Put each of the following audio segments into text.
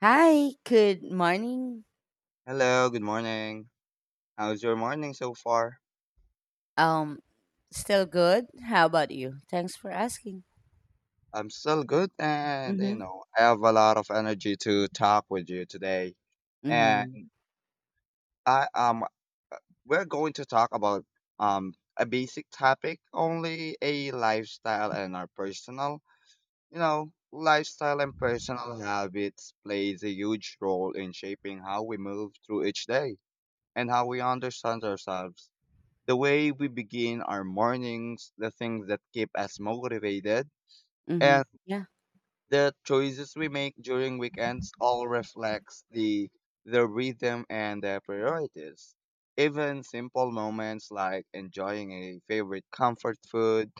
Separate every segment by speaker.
Speaker 1: Hi, good morning.
Speaker 2: Hello, good morning. How's your morning so far?
Speaker 1: Um, Still good. How about you? Thanks for asking.
Speaker 2: I'm still good and you
Speaker 1: Mm-hmm.
Speaker 2: know, I have a lot of energy to talk with you today. And
Speaker 1: Mm-hmm.
Speaker 2: I we're going to talk about a basic topic, only a lifestyle and our personal. You know, lifestyle and personal habits plays a huge role in shaping how we move through each day and how we understand ourselves. The way we begin our mornings, the things that keep us motivated
Speaker 1: Mm-hmm.
Speaker 2: and
Speaker 1: Yeah.
Speaker 2: the choices we make during weekends all reflects the rhythm and their priorities. Even simple moments like enjoying a favorite comfort food,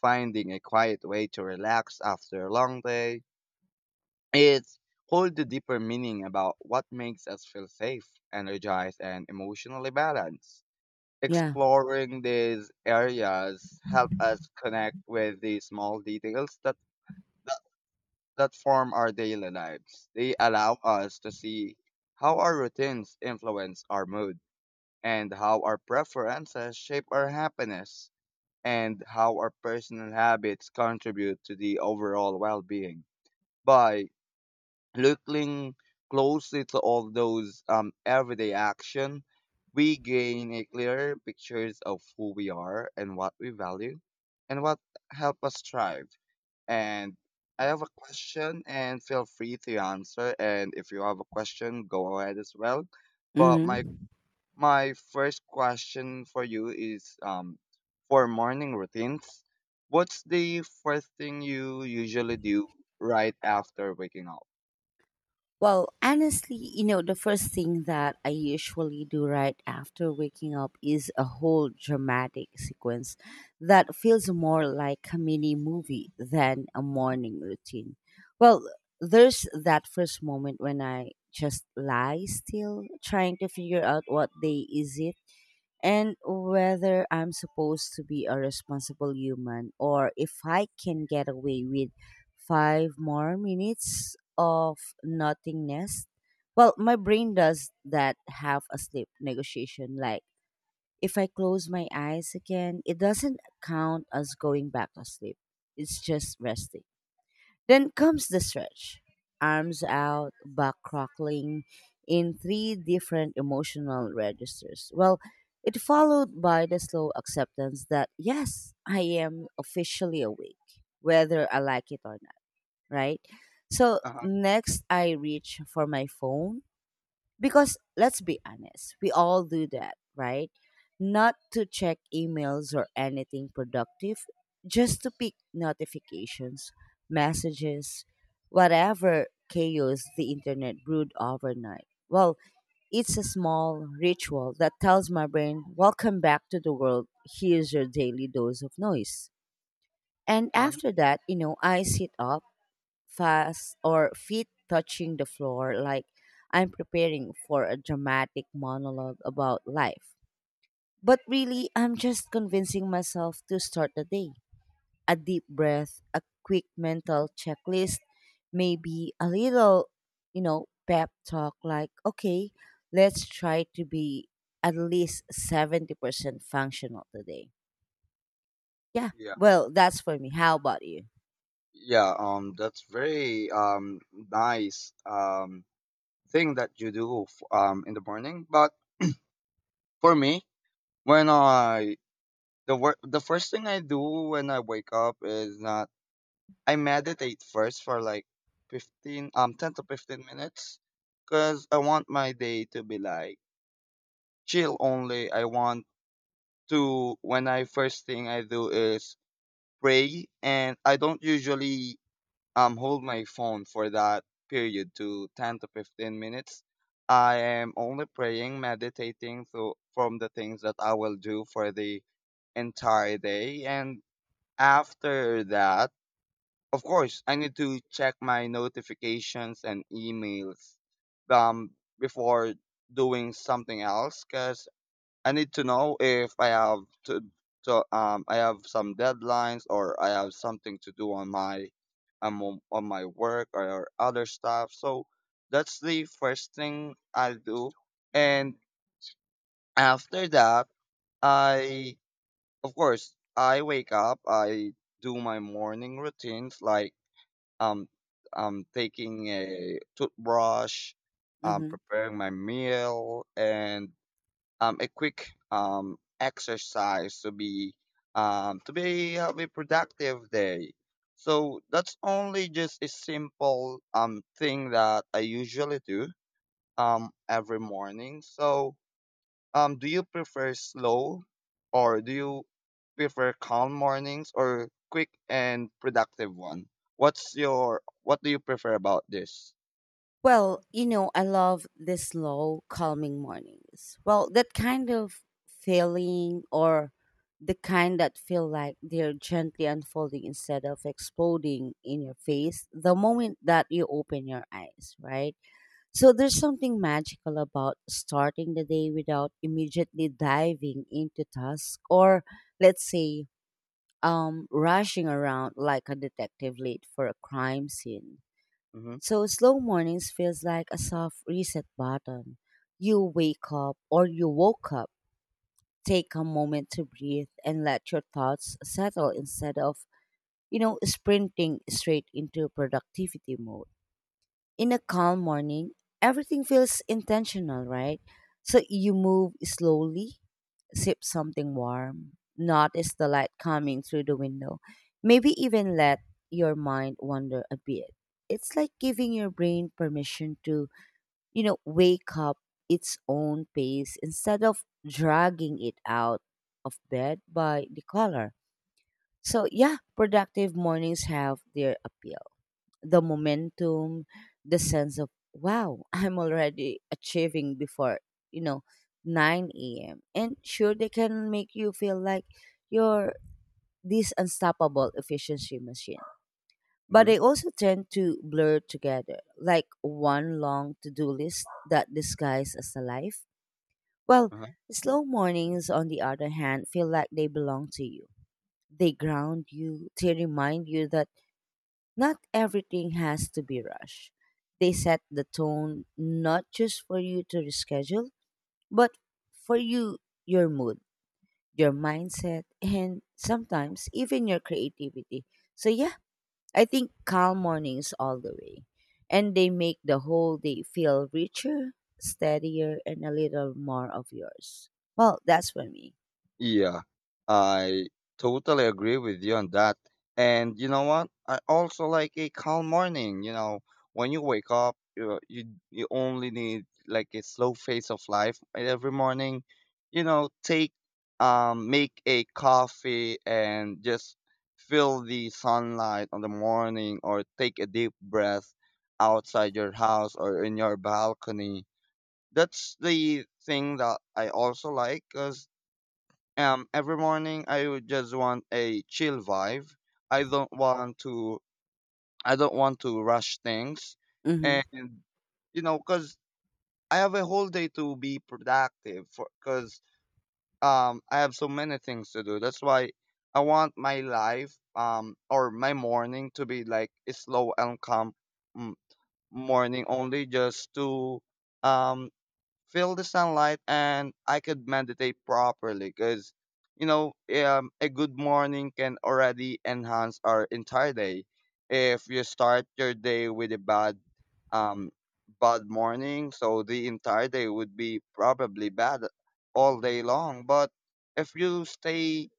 Speaker 2: finding a quiet way to relax after a long day, it hold a deeper meaning about what makes us feel safe, energized, and emotionally balanced.
Speaker 1: Yeah.
Speaker 2: Exploring these areas help us connect with the small details that form our daily lives. They allow us to see how our routines influence our mood and how our preferences shape our happiness and how our personal habits contribute to the overall well-being. By looking closely to all those everyday action, we gain a clearer pictures of who we are and what we value and what help us thrive. And I have a question, and feel free to answer. And if you have a question, go ahead as well. But my
Speaker 1: Mm-hmm.
Speaker 2: my first question for you is for morning routines. What's the first thing you usually do right after waking up?
Speaker 1: Well, honestly, you know, the first thing that I usually do right after waking up is a whole dramatic sequence that feels more like a mini movie than a morning routine. Well, there's that first moment when I just lie still, trying to figure out what day is it and whether I'm supposed to be a responsible human or if I can get away with 5 more minutes of nothingness. Well, my brain does that half asleep negotiation. Like, if I close my eyes again, it doesn't count as going back to sleep, it's just resting. Then comes the stretch. Arms out, back crackling in three different emotional registers. Well, it followed by the slow acceptance that yes, I am officially awake, whether I like it or not, right? So
Speaker 2: Uh-huh,
Speaker 1: next I reach for my phone because let's be honest, we all do that, right? Not to check emails or anything productive, just to pick notifications, messages, whatever chaos the internet brewed overnight. Well, it's a small ritual that tells my brain, welcome back to the world. Here's your daily dose of noise. And
Speaker 2: uh-huh.
Speaker 1: after that, you know, I sit up fast or feet touching the floor like I'm preparing for a dramatic monologue about life. But really, I'm just convincing myself to start the day. A deep breath, a quick mental checklist, maybe a little, you know, pep talk like, okay, let's try to be at least 70% functional today. Yeah,
Speaker 2: Yeah.
Speaker 1: well, that's for me. How about you?
Speaker 2: Yeah, that's very nice thing that you do in the morning. But for me, when I the first thing I do when I wake up is not I meditate first for like 15 10 to 15 minutes cuz I want my day to be like chill only. I want to when I first thing I do is pray and I don't usually hold my phone for that period to 10 to 15 minutes. I am only praying, meditating through from the things that I will do for the entire day and after that, of course, I need to check my notifications and emails um, before doing something else because I need to know if I have some deadlines or I have something to do on my on my work or other stuff. So that's the first thing I do, and after that, I of course, I wake up, I do my morning routines like um taking a toothbrush,
Speaker 1: Mm-hmm.
Speaker 2: preparing my meal and a quick exercise to be have a productive day. So that's only just a simple thing that I usually do every morning. So um, do you prefer slow do you prefer calm mornings or quick and productive one? What do you prefer about this?
Speaker 1: Well, you know, I love the slow, calming mornings. Well, that kind of feeling or the kind that feel like they're gently unfolding instead of exploding in your face the moment that you open your eyes, right? So there's something magical about starting the day without immediately diving into task or let's say rushing around like a detective late for a crime scene.
Speaker 2: Mm-hmm.
Speaker 1: So slow mornings feels like a soft reset button. You wake up or you woke up, take a moment to breathe and let your thoughts settle instead of, you know, sprinting straight into productivity mode in a calm morning. Everything feels intentional, right? So you move slowly, sip something warm, notice the light coming through the window, maybe even let your mind wander a bit. It's like giving your brain permission to, you know, wake up its own pace instead of dragging it out of bed by the collar. So, yeah, productive mornings have their appeal, the momentum, the sense of wow, I'm already achieving before, you know, 9 a.m. And sure, they can make you feel like you're this unstoppable efficiency machine. But
Speaker 2: Mm-hmm.
Speaker 1: they also tend to blur together, like one long to do list that disguises as a life. Well,
Speaker 2: Mm-hmm.
Speaker 1: slow mornings, on the other hand, feel like they belong to you. They ground you, they remind you that not everything has to be rushed. They set the tone not just for you to reschedule, but for you, your mood, your mindset, and sometimes even your creativity. So, yeah, I think calm mornings all the way. And they make the whole day feel richer, steadier, and a little more of yours. Well, that's for me.
Speaker 2: Yeah, I totally agree with you on that. And you know what? I also like a calm morning. You know, when you wake up, you only need like a slow phase of life every morning. You know, take make a coffee and just feel the sunlight on the morning or take a deep breath outside your house or in your balcony. That's the thing that I also like 'cause every morning I would just want a chill vibe. I don't want to. I don't want to rush things,
Speaker 1: Mm-hmm.
Speaker 2: and you know, because I have a whole day to be productive. For because I have so many things to do. That's why I want my life or my morning to be like a slow and calm mm, morning only, just to um feel the sunlight and I could meditate properly because you know a good morning can already enhance our entire day. If you start your day with a um bad morning, so the entire day would be probably bad all day long. But if you stay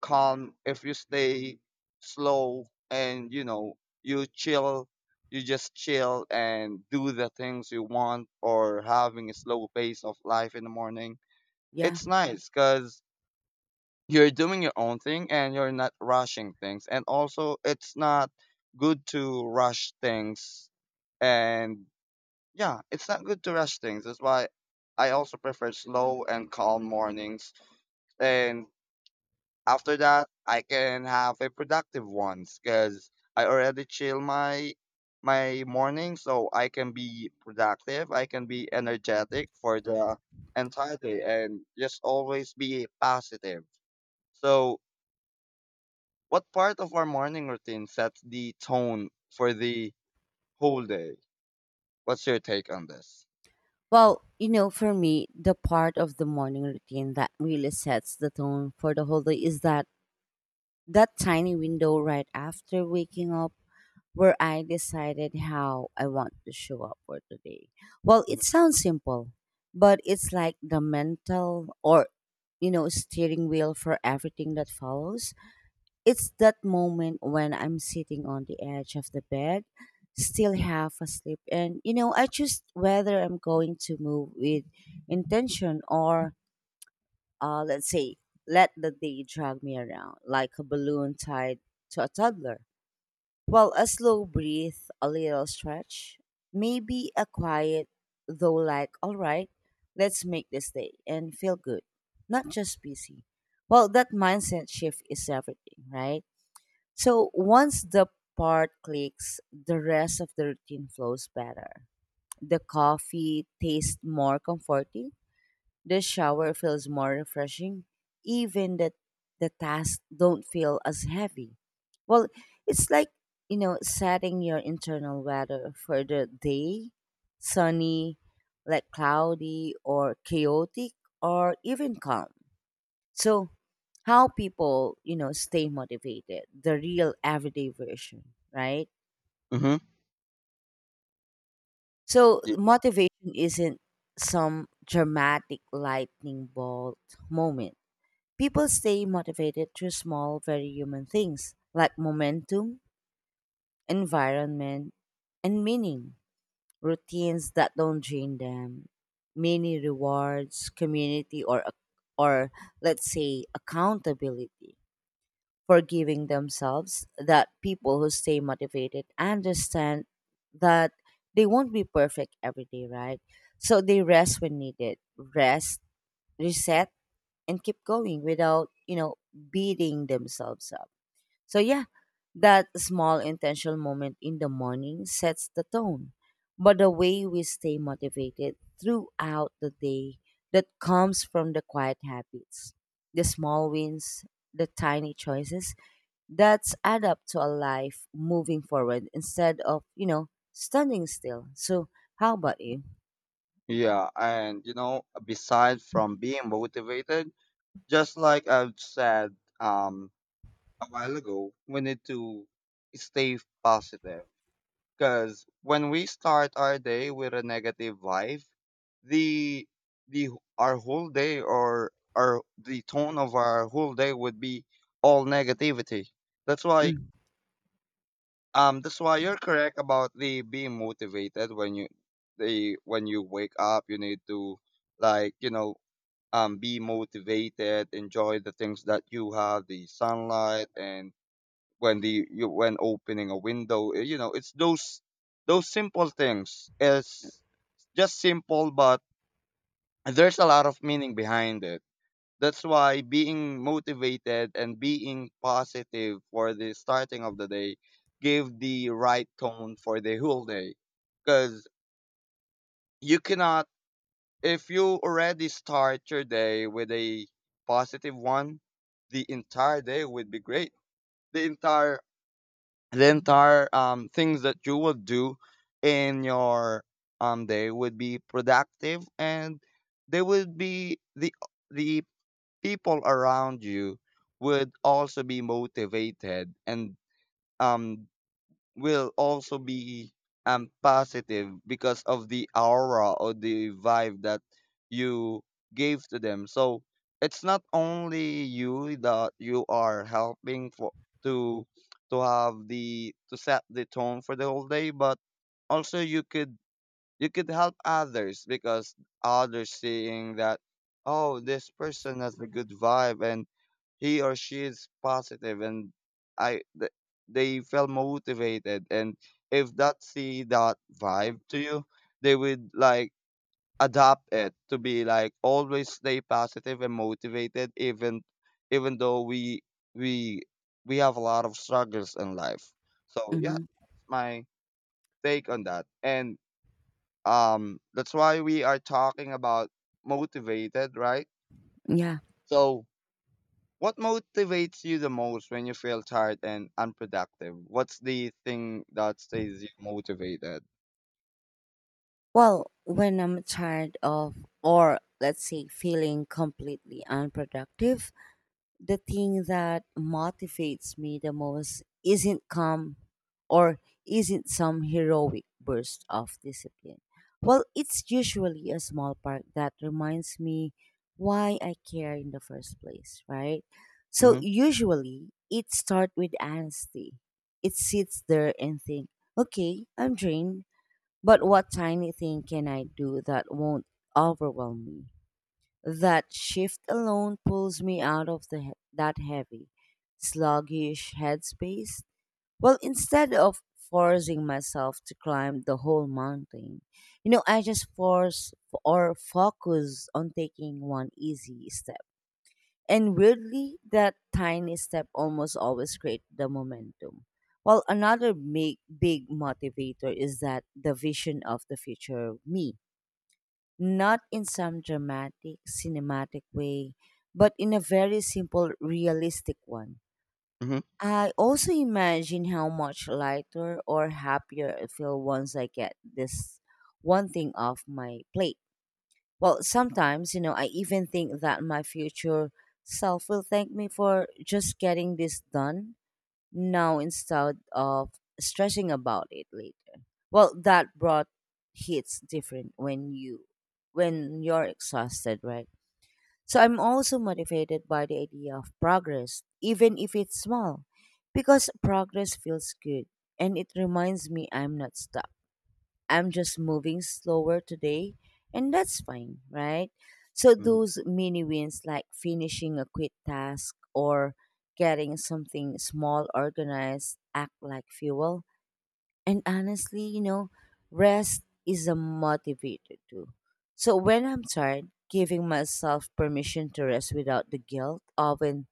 Speaker 2: calm, if you stay slow and you know you chill you just chill and do the things you want or having a slow pace of life in the morning.
Speaker 1: Yeah.
Speaker 2: It's nice because you're doing your own thing and you're not rushing things. And also, it's not good to rush things. And yeah, it's not good to rush things. That's why I also prefer slow and calm mornings. And after that, I can have a productive ones because I already chill my morning, so I can be productive. I can be energetic for the entire day and just always be positive. So, what part of our morning routine sets the tone for the whole day? What's your take on this?
Speaker 1: Well, you know, for me, the part of the morning routine that really sets the tone for the whole day is that that tiny window right after waking up where I decided how I want to show up for the day. Well,
Speaker 2: Mhm.
Speaker 1: it sounds simple, but it's like the mental or, you know, steering wheel for everything that follows. It's that moment when I'm sitting on the edge of the bed, still half asleep, and you know, I choose whether I'm going to move with intention or, let's say, let the day drag me around like a balloon tied to a toddler. Well, a slow breath, a little stretch, maybe a quiet, though, like, all right, let's make this day and feel good, not just busy. Well, that mindset shift is everything, right? So once the part clicks, the rest of the routine flows better. The coffee tastes more comforting. The shower feels more refreshing. Even that the tasks don't feel as heavy. Well, it's like, you know, setting your internal weather for the day, sunny, like cloudy, or chaotic, or even calm. So how people, you know, stay motivated, the real everyday version, right?
Speaker 2: Mm-hmm.
Speaker 1: So
Speaker 2: Y-
Speaker 1: motivation isn't some dramatic lightning bolt moment. People stay motivated through small, very human things like momentum, environment, and meaning, routines that don't drain them, mini rewards, community, or or let's say accountability, forgiving themselves. That people who stay motivated understand that they won't be perfect every day, right? So they rest when needed, rest, reset, and keep going without, you know, beating themselves up. So, yeah, that small intentional moment in the morning sets the tone. But the way we stay motivated throughout the day, that comes from the quiet habits, the small wins, the tiny choices, that's add up to a life moving forward instead of, you know, standing still. So how about you?
Speaker 2: Yeah, and you know, besides from being motivated, just like I've said, a while ago, we need to stay positive. Because when we start our day with a negative vibe, the the our whole day or our the tone of our whole day would be all negativity. That's why
Speaker 1: Mm.
Speaker 2: that's why you're correct about the being motivated when you the when you wake up you need to like you know be motivated, enjoy the things that you have, the sunlight and when opening a window you know it's those simple things, it's just simple but there's a lot of meaning behind it. That's why being motivated and being positive for the starting of the day give the right tone for the whole day because you cannot if you already start your day with a positive one, the entire day would be great. The entire the entire things that you will do in your day would be productive and they would be the people around you would also be motivated and um, will also be positive because of the aura or the vibe that you gave to them. So it's not only you that you are helping for to to have the to set the tone for the whole day, but also you could help others because others seeing that, oh, this person has a good vibe and he or she is positive and I th- they feel motivated and if that see that vibe to you, they would like adapt it to be like always stay positive and motivated even though we we have a lot of struggles in life. So yeah,
Speaker 1: Hmm.
Speaker 2: that's my take on that. And that's why we are talking about motivated, right?
Speaker 1: Yeah.
Speaker 2: So what motivates you the most when you feel tired and unproductive? What's the thing that stays you motivated?
Speaker 1: Well, when I'm tired of, or let's say, feeling completely unproductive, the thing that motivates me the most isn't calm or isn't some heroic burst of discipline. Well, it's usually a small part that reminds me why I care in the first place, right? So
Speaker 2: Mm-hmm,
Speaker 1: usually it starts with honesty. It sits there and think, okay, I'm drained, but what tiny thing can I do that won't overwhelm me? That shift alone pulls me out of that heavy, sluggish headspace. Well, instead of forcing myself to climb the whole mountain, you know, I just force or focus on taking one easy step. And weirdly, that tiny step almost always creates the momentum. Well, another big, big motivator is that the vision of the future me, not in some dramatic, cinematic way, but in a very simple, realistic one.
Speaker 2: mm-hmm,
Speaker 1: I also imagine how much lighter or happier I feel once I get this one thing off my plate. Well, sometimes, you know, I even think that my future self will thank me for just getting this done now instead of stressing about it later. Well, that brought hits different when you're exhausted, right? So I'm also motivated by the idea of progress, even if it's small, because progress feels good and it reminds me I'm not stuck. I'm just moving slower today, and that's fine, right? So,
Speaker 2: mm-hmm,
Speaker 1: those mini wins like finishing a quick task or getting something small organized act like fuel. And honestly, you know, rest is a motivator too. So, when I'm tired, giving myself permission to rest without the guilt often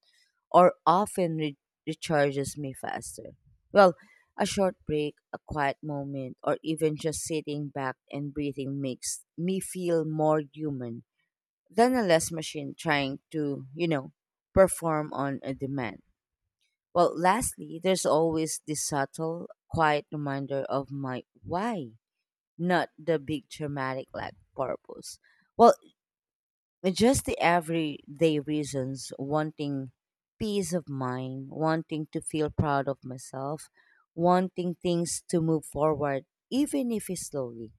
Speaker 1: or recharges me faster. Well, a short break, a quiet moment, or even just sitting back and breathing makes me feel more human than a less machine trying to, you know, perform on a demand. Well, lastly, there's always this subtle, quiet reminder of my why, not the big dramatic like purpose. Well, just the everyday reasons, wanting peace of mind, wanting to feel proud of myself, wanting things to move forward, even if it's slowly.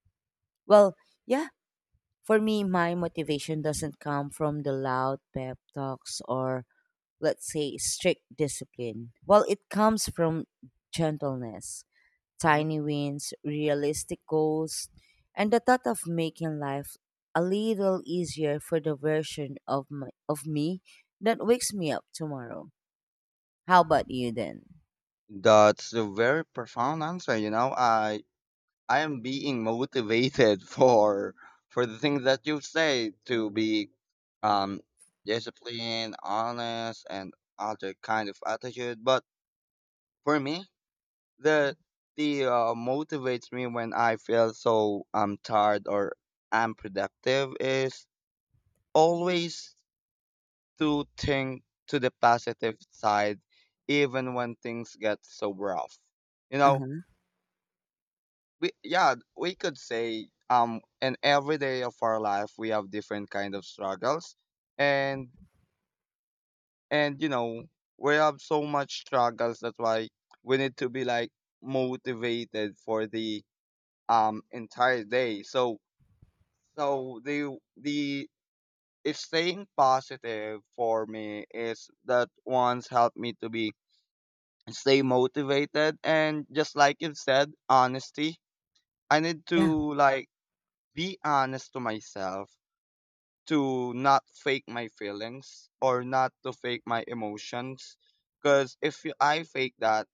Speaker 1: Well, yeah, for me, my motivation doesn't come from the loud pep talks or, let's say, strict discipline. Well, it comes from gentleness,
Speaker 2: hmm.
Speaker 1: tiny wins, realistic goals, and the thought of making life a little easier for the version of me that wakes me up tomorrow. How about you then?
Speaker 2: That's a very profound answer, you know. I am being motivated for the things that you say to be um disciplined, honest and other kind of attitude. But for me, the the motivates me when I feel so I'm tired or unproductive is always to think to the positive side, even when things get so rough. You know,
Speaker 1: Uh-huh.
Speaker 2: we yeah, we could say in every day of our life we have different kind of struggles, and you know we have so much struggles. That's why we need to be like motivated for the entire day. So so the If staying positive for me is that once helped me to be stay motivated. And just like you said, honesty, I need
Speaker 1: Yeah.
Speaker 2: to like be honest to myself, to not fake my feelings or not to fake my emotions because if you- I fake that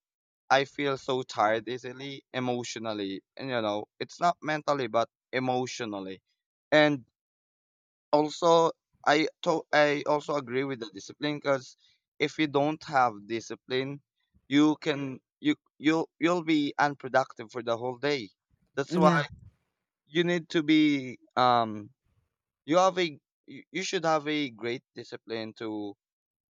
Speaker 2: I feel so tired easily emotionally and you know it's not mentally but emotionally. And also, I also agree with the discipline because if you don't have discipline you'll be unproductive for the whole day. That's why
Speaker 1: Yeah.
Speaker 2: you need to be you have a you should have a great discipline to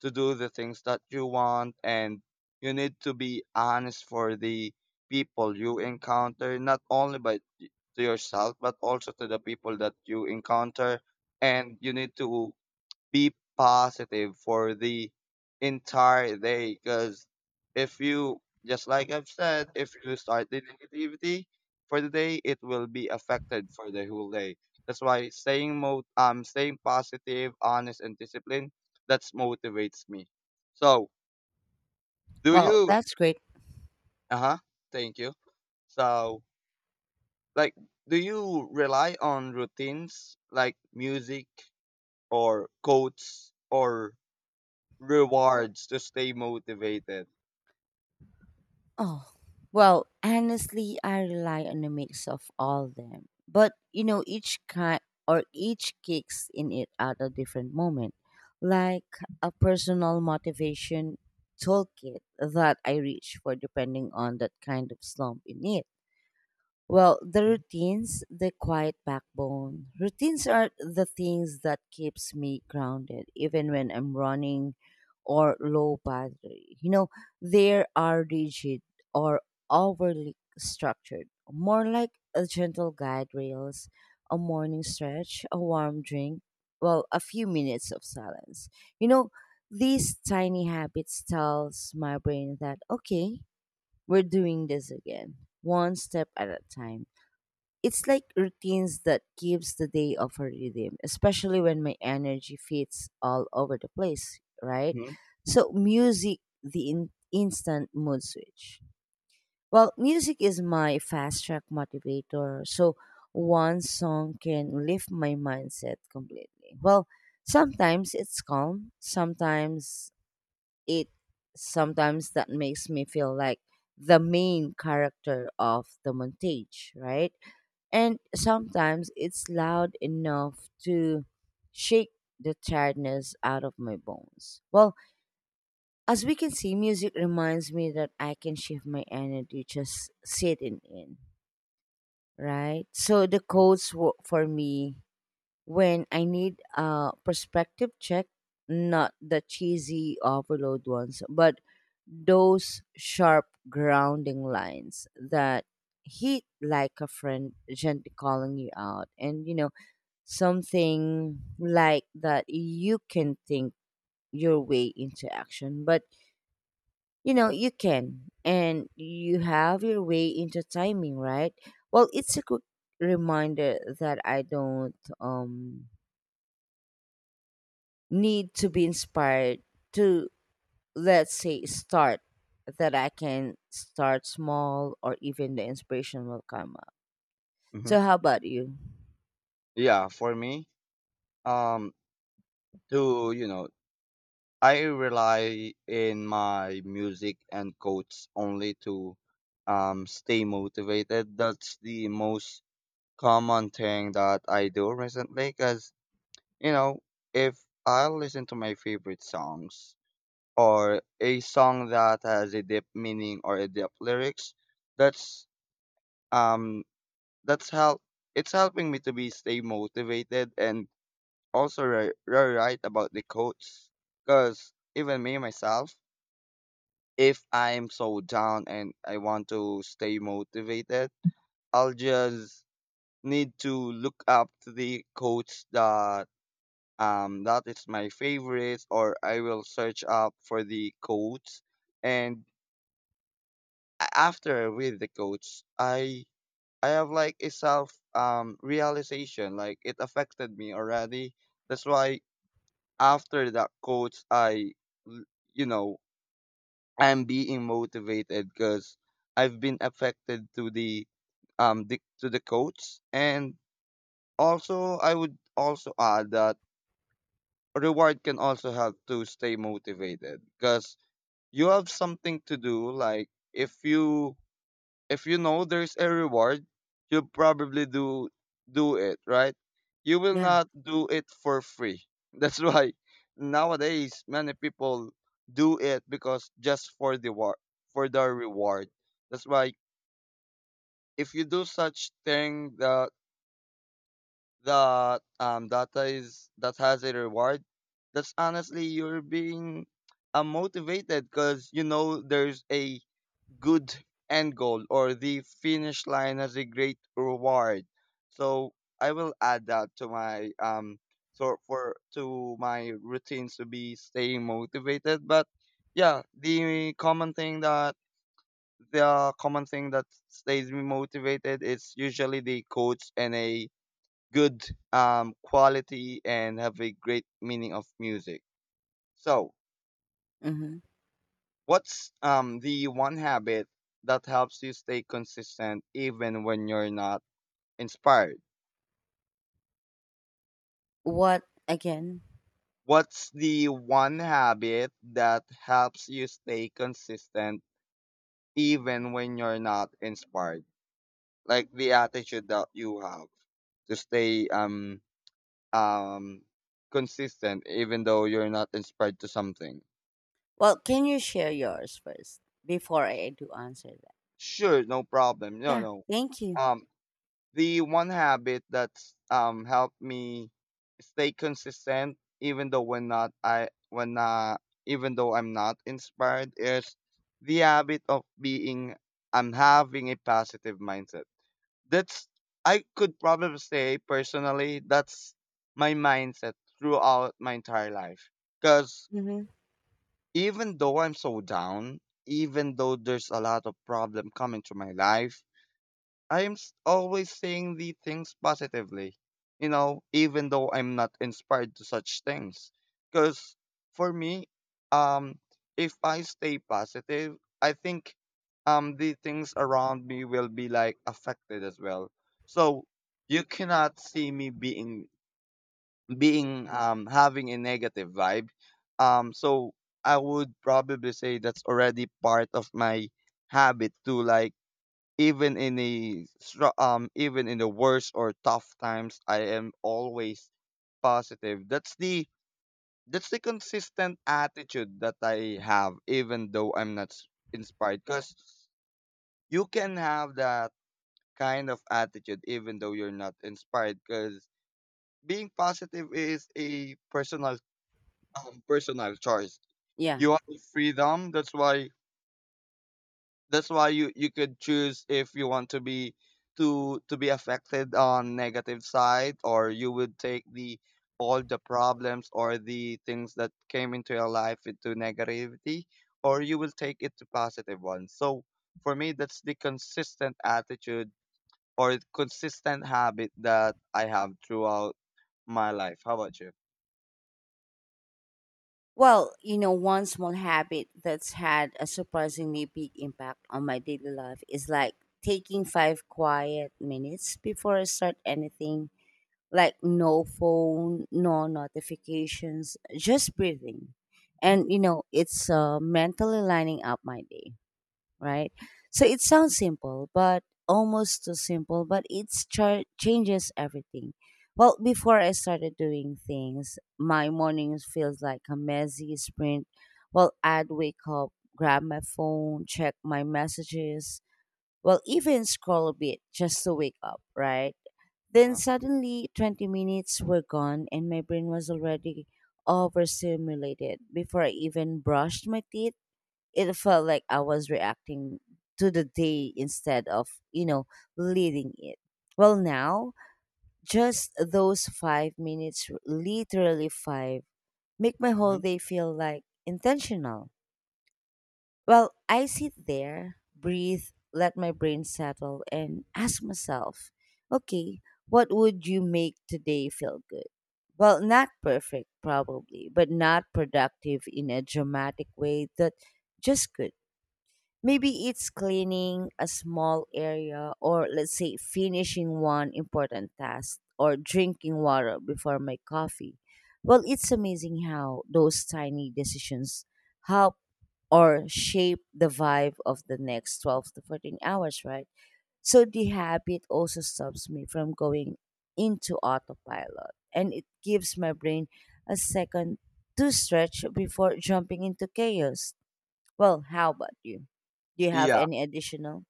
Speaker 2: do the things that you want. And you need to be honest for the people you encounter, not only by to yourself but also to the people that you encounter. And you need to be positive for the entire day because if you just like I've said, if you start the negativity for the day, it will be affected for the whole day. That's why staying positive, honest and disciplined, that's motivates me. So do
Speaker 1: Well,
Speaker 2: you
Speaker 1: that's great.
Speaker 2: uh-huh, thank you. So like, do you rely on routines like music or quotes or rewards to stay motivated?
Speaker 1: Oh, well, honestly, I rely on a mix of all them. But, you know, each kind or each kicks in it at a different moment, like a personal motivation toolkit that I reach for depending on that kind of slump in it. Well, the routines, the quiet backbone. Routines are the things that keeps me grounded even when I'm running or low battery. You know, they are rigid or overly structured, more like a gentle guide rails, a morning stretch, a warm drink, well, a few minutes of silence. You know, these tiny habits tells my brain that okay, we're doing this again, one step at a time. It's like routines that gives the day of a rhythm, especially when my energy fits all over the place, right?
Speaker 2: Hmm.
Speaker 1: So music, the instant mood switch. Well, music is my fast track motivator. So one song can lift my mindset completely. Well, sometimes it's calm, it sometimes that makes me feel like the main character of the montage, right? And sometimes it's loud enough to shake the tiredness out of my bones. Well, as we can see, music reminds me that I can shift my energy just sitting in, right? So the codes work for me when I need a perspective check, not the cheesy overload ones, but those sharp grounding lines that hit like a friend gently calling you out. And you know, something like that you can think your way into action, but you know you can, and you have your way into timing, right? Well, it's a good reminder that I don't need to be inspired to, let's say, start, that I can start small or even the inspiration will come up.
Speaker 2: Hmm.
Speaker 1: So how about you?
Speaker 2: Yeah, for me, um, to you know, I rely in my music and quotes only to stay motivated. That's the most common thing that I do recently because you know, if I listen to my favorite songs or a song that has a deep meaning or a deep lyrics, that's um that's help it's helping me to be stay motivated. And also you right about the coach, because even me myself, if I'm so down and I want to stay motivated, I'll just need to look up to the coach that that is my favorite, or I will search up for the coach. And after with the coach, I have like a self realization, like it affected me already. That's why after that coach, I, l- you know, I'm being motivated because I've been affected to to the coach. And also, I would also add that reward can also help to stay motivated, because you have something to do. Like if you, if you know there's a reward, you'll probably do it, right? You will
Speaker 1: Yeah.
Speaker 2: not do it for free. That's why nowadays many people do it because just for the war for the reward. That's why if you do such thing that that data is that has a reward, that's honestly you're being motivated, because you know there's a good end goal, or the finish line as a great reward. So I will add that to my sort for to my routines to be staying motivated. But yeah, the common thing that stays me motivated is usually the coach and a good quality and have a great meaning of music. So
Speaker 1: Hmm.
Speaker 2: what's the one habit that helps you stay consistent even when you're not inspired?
Speaker 1: What? Again?
Speaker 2: What's the one habit that helps you stay consistent even when you're not inspired? Like the attitude that you have to stay um consistent even though you're not inspired to something.
Speaker 1: Well, can you share yours first before I do answer that?
Speaker 2: Sure, no problem. No,
Speaker 1: Yeah,
Speaker 2: no.
Speaker 1: thank you.
Speaker 2: Um The one habit that's helped me stay consistent even though when not I when even though I'm not inspired is the habit of being, I'm having a positive mindset. That's, I could probably say personally that's my mindset throughout my entire life. Cause
Speaker 1: Hmm.
Speaker 2: even though I'm so down, even though there's a lot of problem coming to my life, always saying the things positively, you know, even though I'm not inspired to such things. Because for me, um, if I stay positive, I think, the things around me will be like affected as well. So you cannot see me being having a negative vibe. So I would probably say that's already part of my habit to like, even in even in the worst or tough times, I am always positive. That's the consistent attitude that I have even though I'm not inspired, because you can have that kind of attitude even though you're not inspired, because being positive is a personal personal choice.
Speaker 1: Yeah.
Speaker 2: You have the freedom. That's why you could choose if you want to be, to be affected on negative side, or you would take the all the problems or the things that came into your life into negativity, or you will take it to positive ones. So for me, that's the consistent attitude or consistent habit that I have throughout my life. How about you?
Speaker 1: Well, you know, one small habit that's had a surprisingly big impact on my daily life is like taking 5 quiet minutes before I start anything, like no phone, no notifications, just breathing. And, you know, it's mentally lining up my day, right? So it sounds simple, but almost too simple, but it changes everything. Well, before I started doing things, my mornings feels like a messy sprint. Well, I'd wake up, grab my phone, check my messages, well, even scroll a bit just to wake up, right? Then
Speaker 2: Uh-huh.
Speaker 1: suddenly 20 minutes were gone and my brain was already overstimulated before I even brushed my teeth. It felt like I was reacting to the day instead of, you know, leading it. Well, now, just those 5 minutes, literally five, make my whole
Speaker 2: Hmm.
Speaker 1: day feel like intentional. Well, I sit there, breathe, let my brain settle, and ask myself, okay, what would you make today feel good? Well, not perfect, probably, but not productive in a dramatic way, that just good. Maybe it's cleaning a small area or, let's say, finishing one important task or drinking water before my coffee. Well, it's amazing how those tiny decisions help or shape the vibe of the next 12 to 14 hours, right? So the habit also stops me from going into autopilot and it gives my brain a second to stretch before jumping into chaos. Well, how about you? Do you have
Speaker 2: Yeah.
Speaker 1: any additional?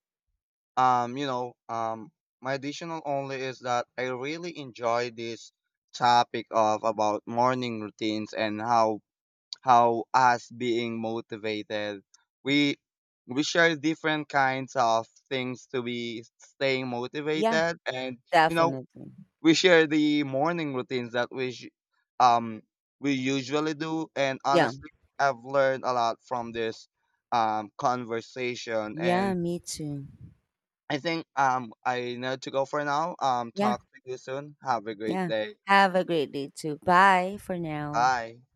Speaker 2: You know, my additional only is that I really enjoy this topic of about morning routines and how us being motivated. We we share different kinds of things to be staying
Speaker 1: Yeah,
Speaker 2: motivated, and you know,
Speaker 1: definitely.
Speaker 2: we share the morning routines that um we usually do. And
Speaker 1: Yeah.
Speaker 2: honestly, I've learned a lot from this conversation.
Speaker 1: Yeah,
Speaker 2: And
Speaker 1: me too.
Speaker 2: I think I need to go for now.
Speaker 1: Yeah.
Speaker 2: Talk to you soon. Have a great
Speaker 1: Yeah.
Speaker 2: day.
Speaker 1: Have a great day too. Bye for now.
Speaker 2: Bye.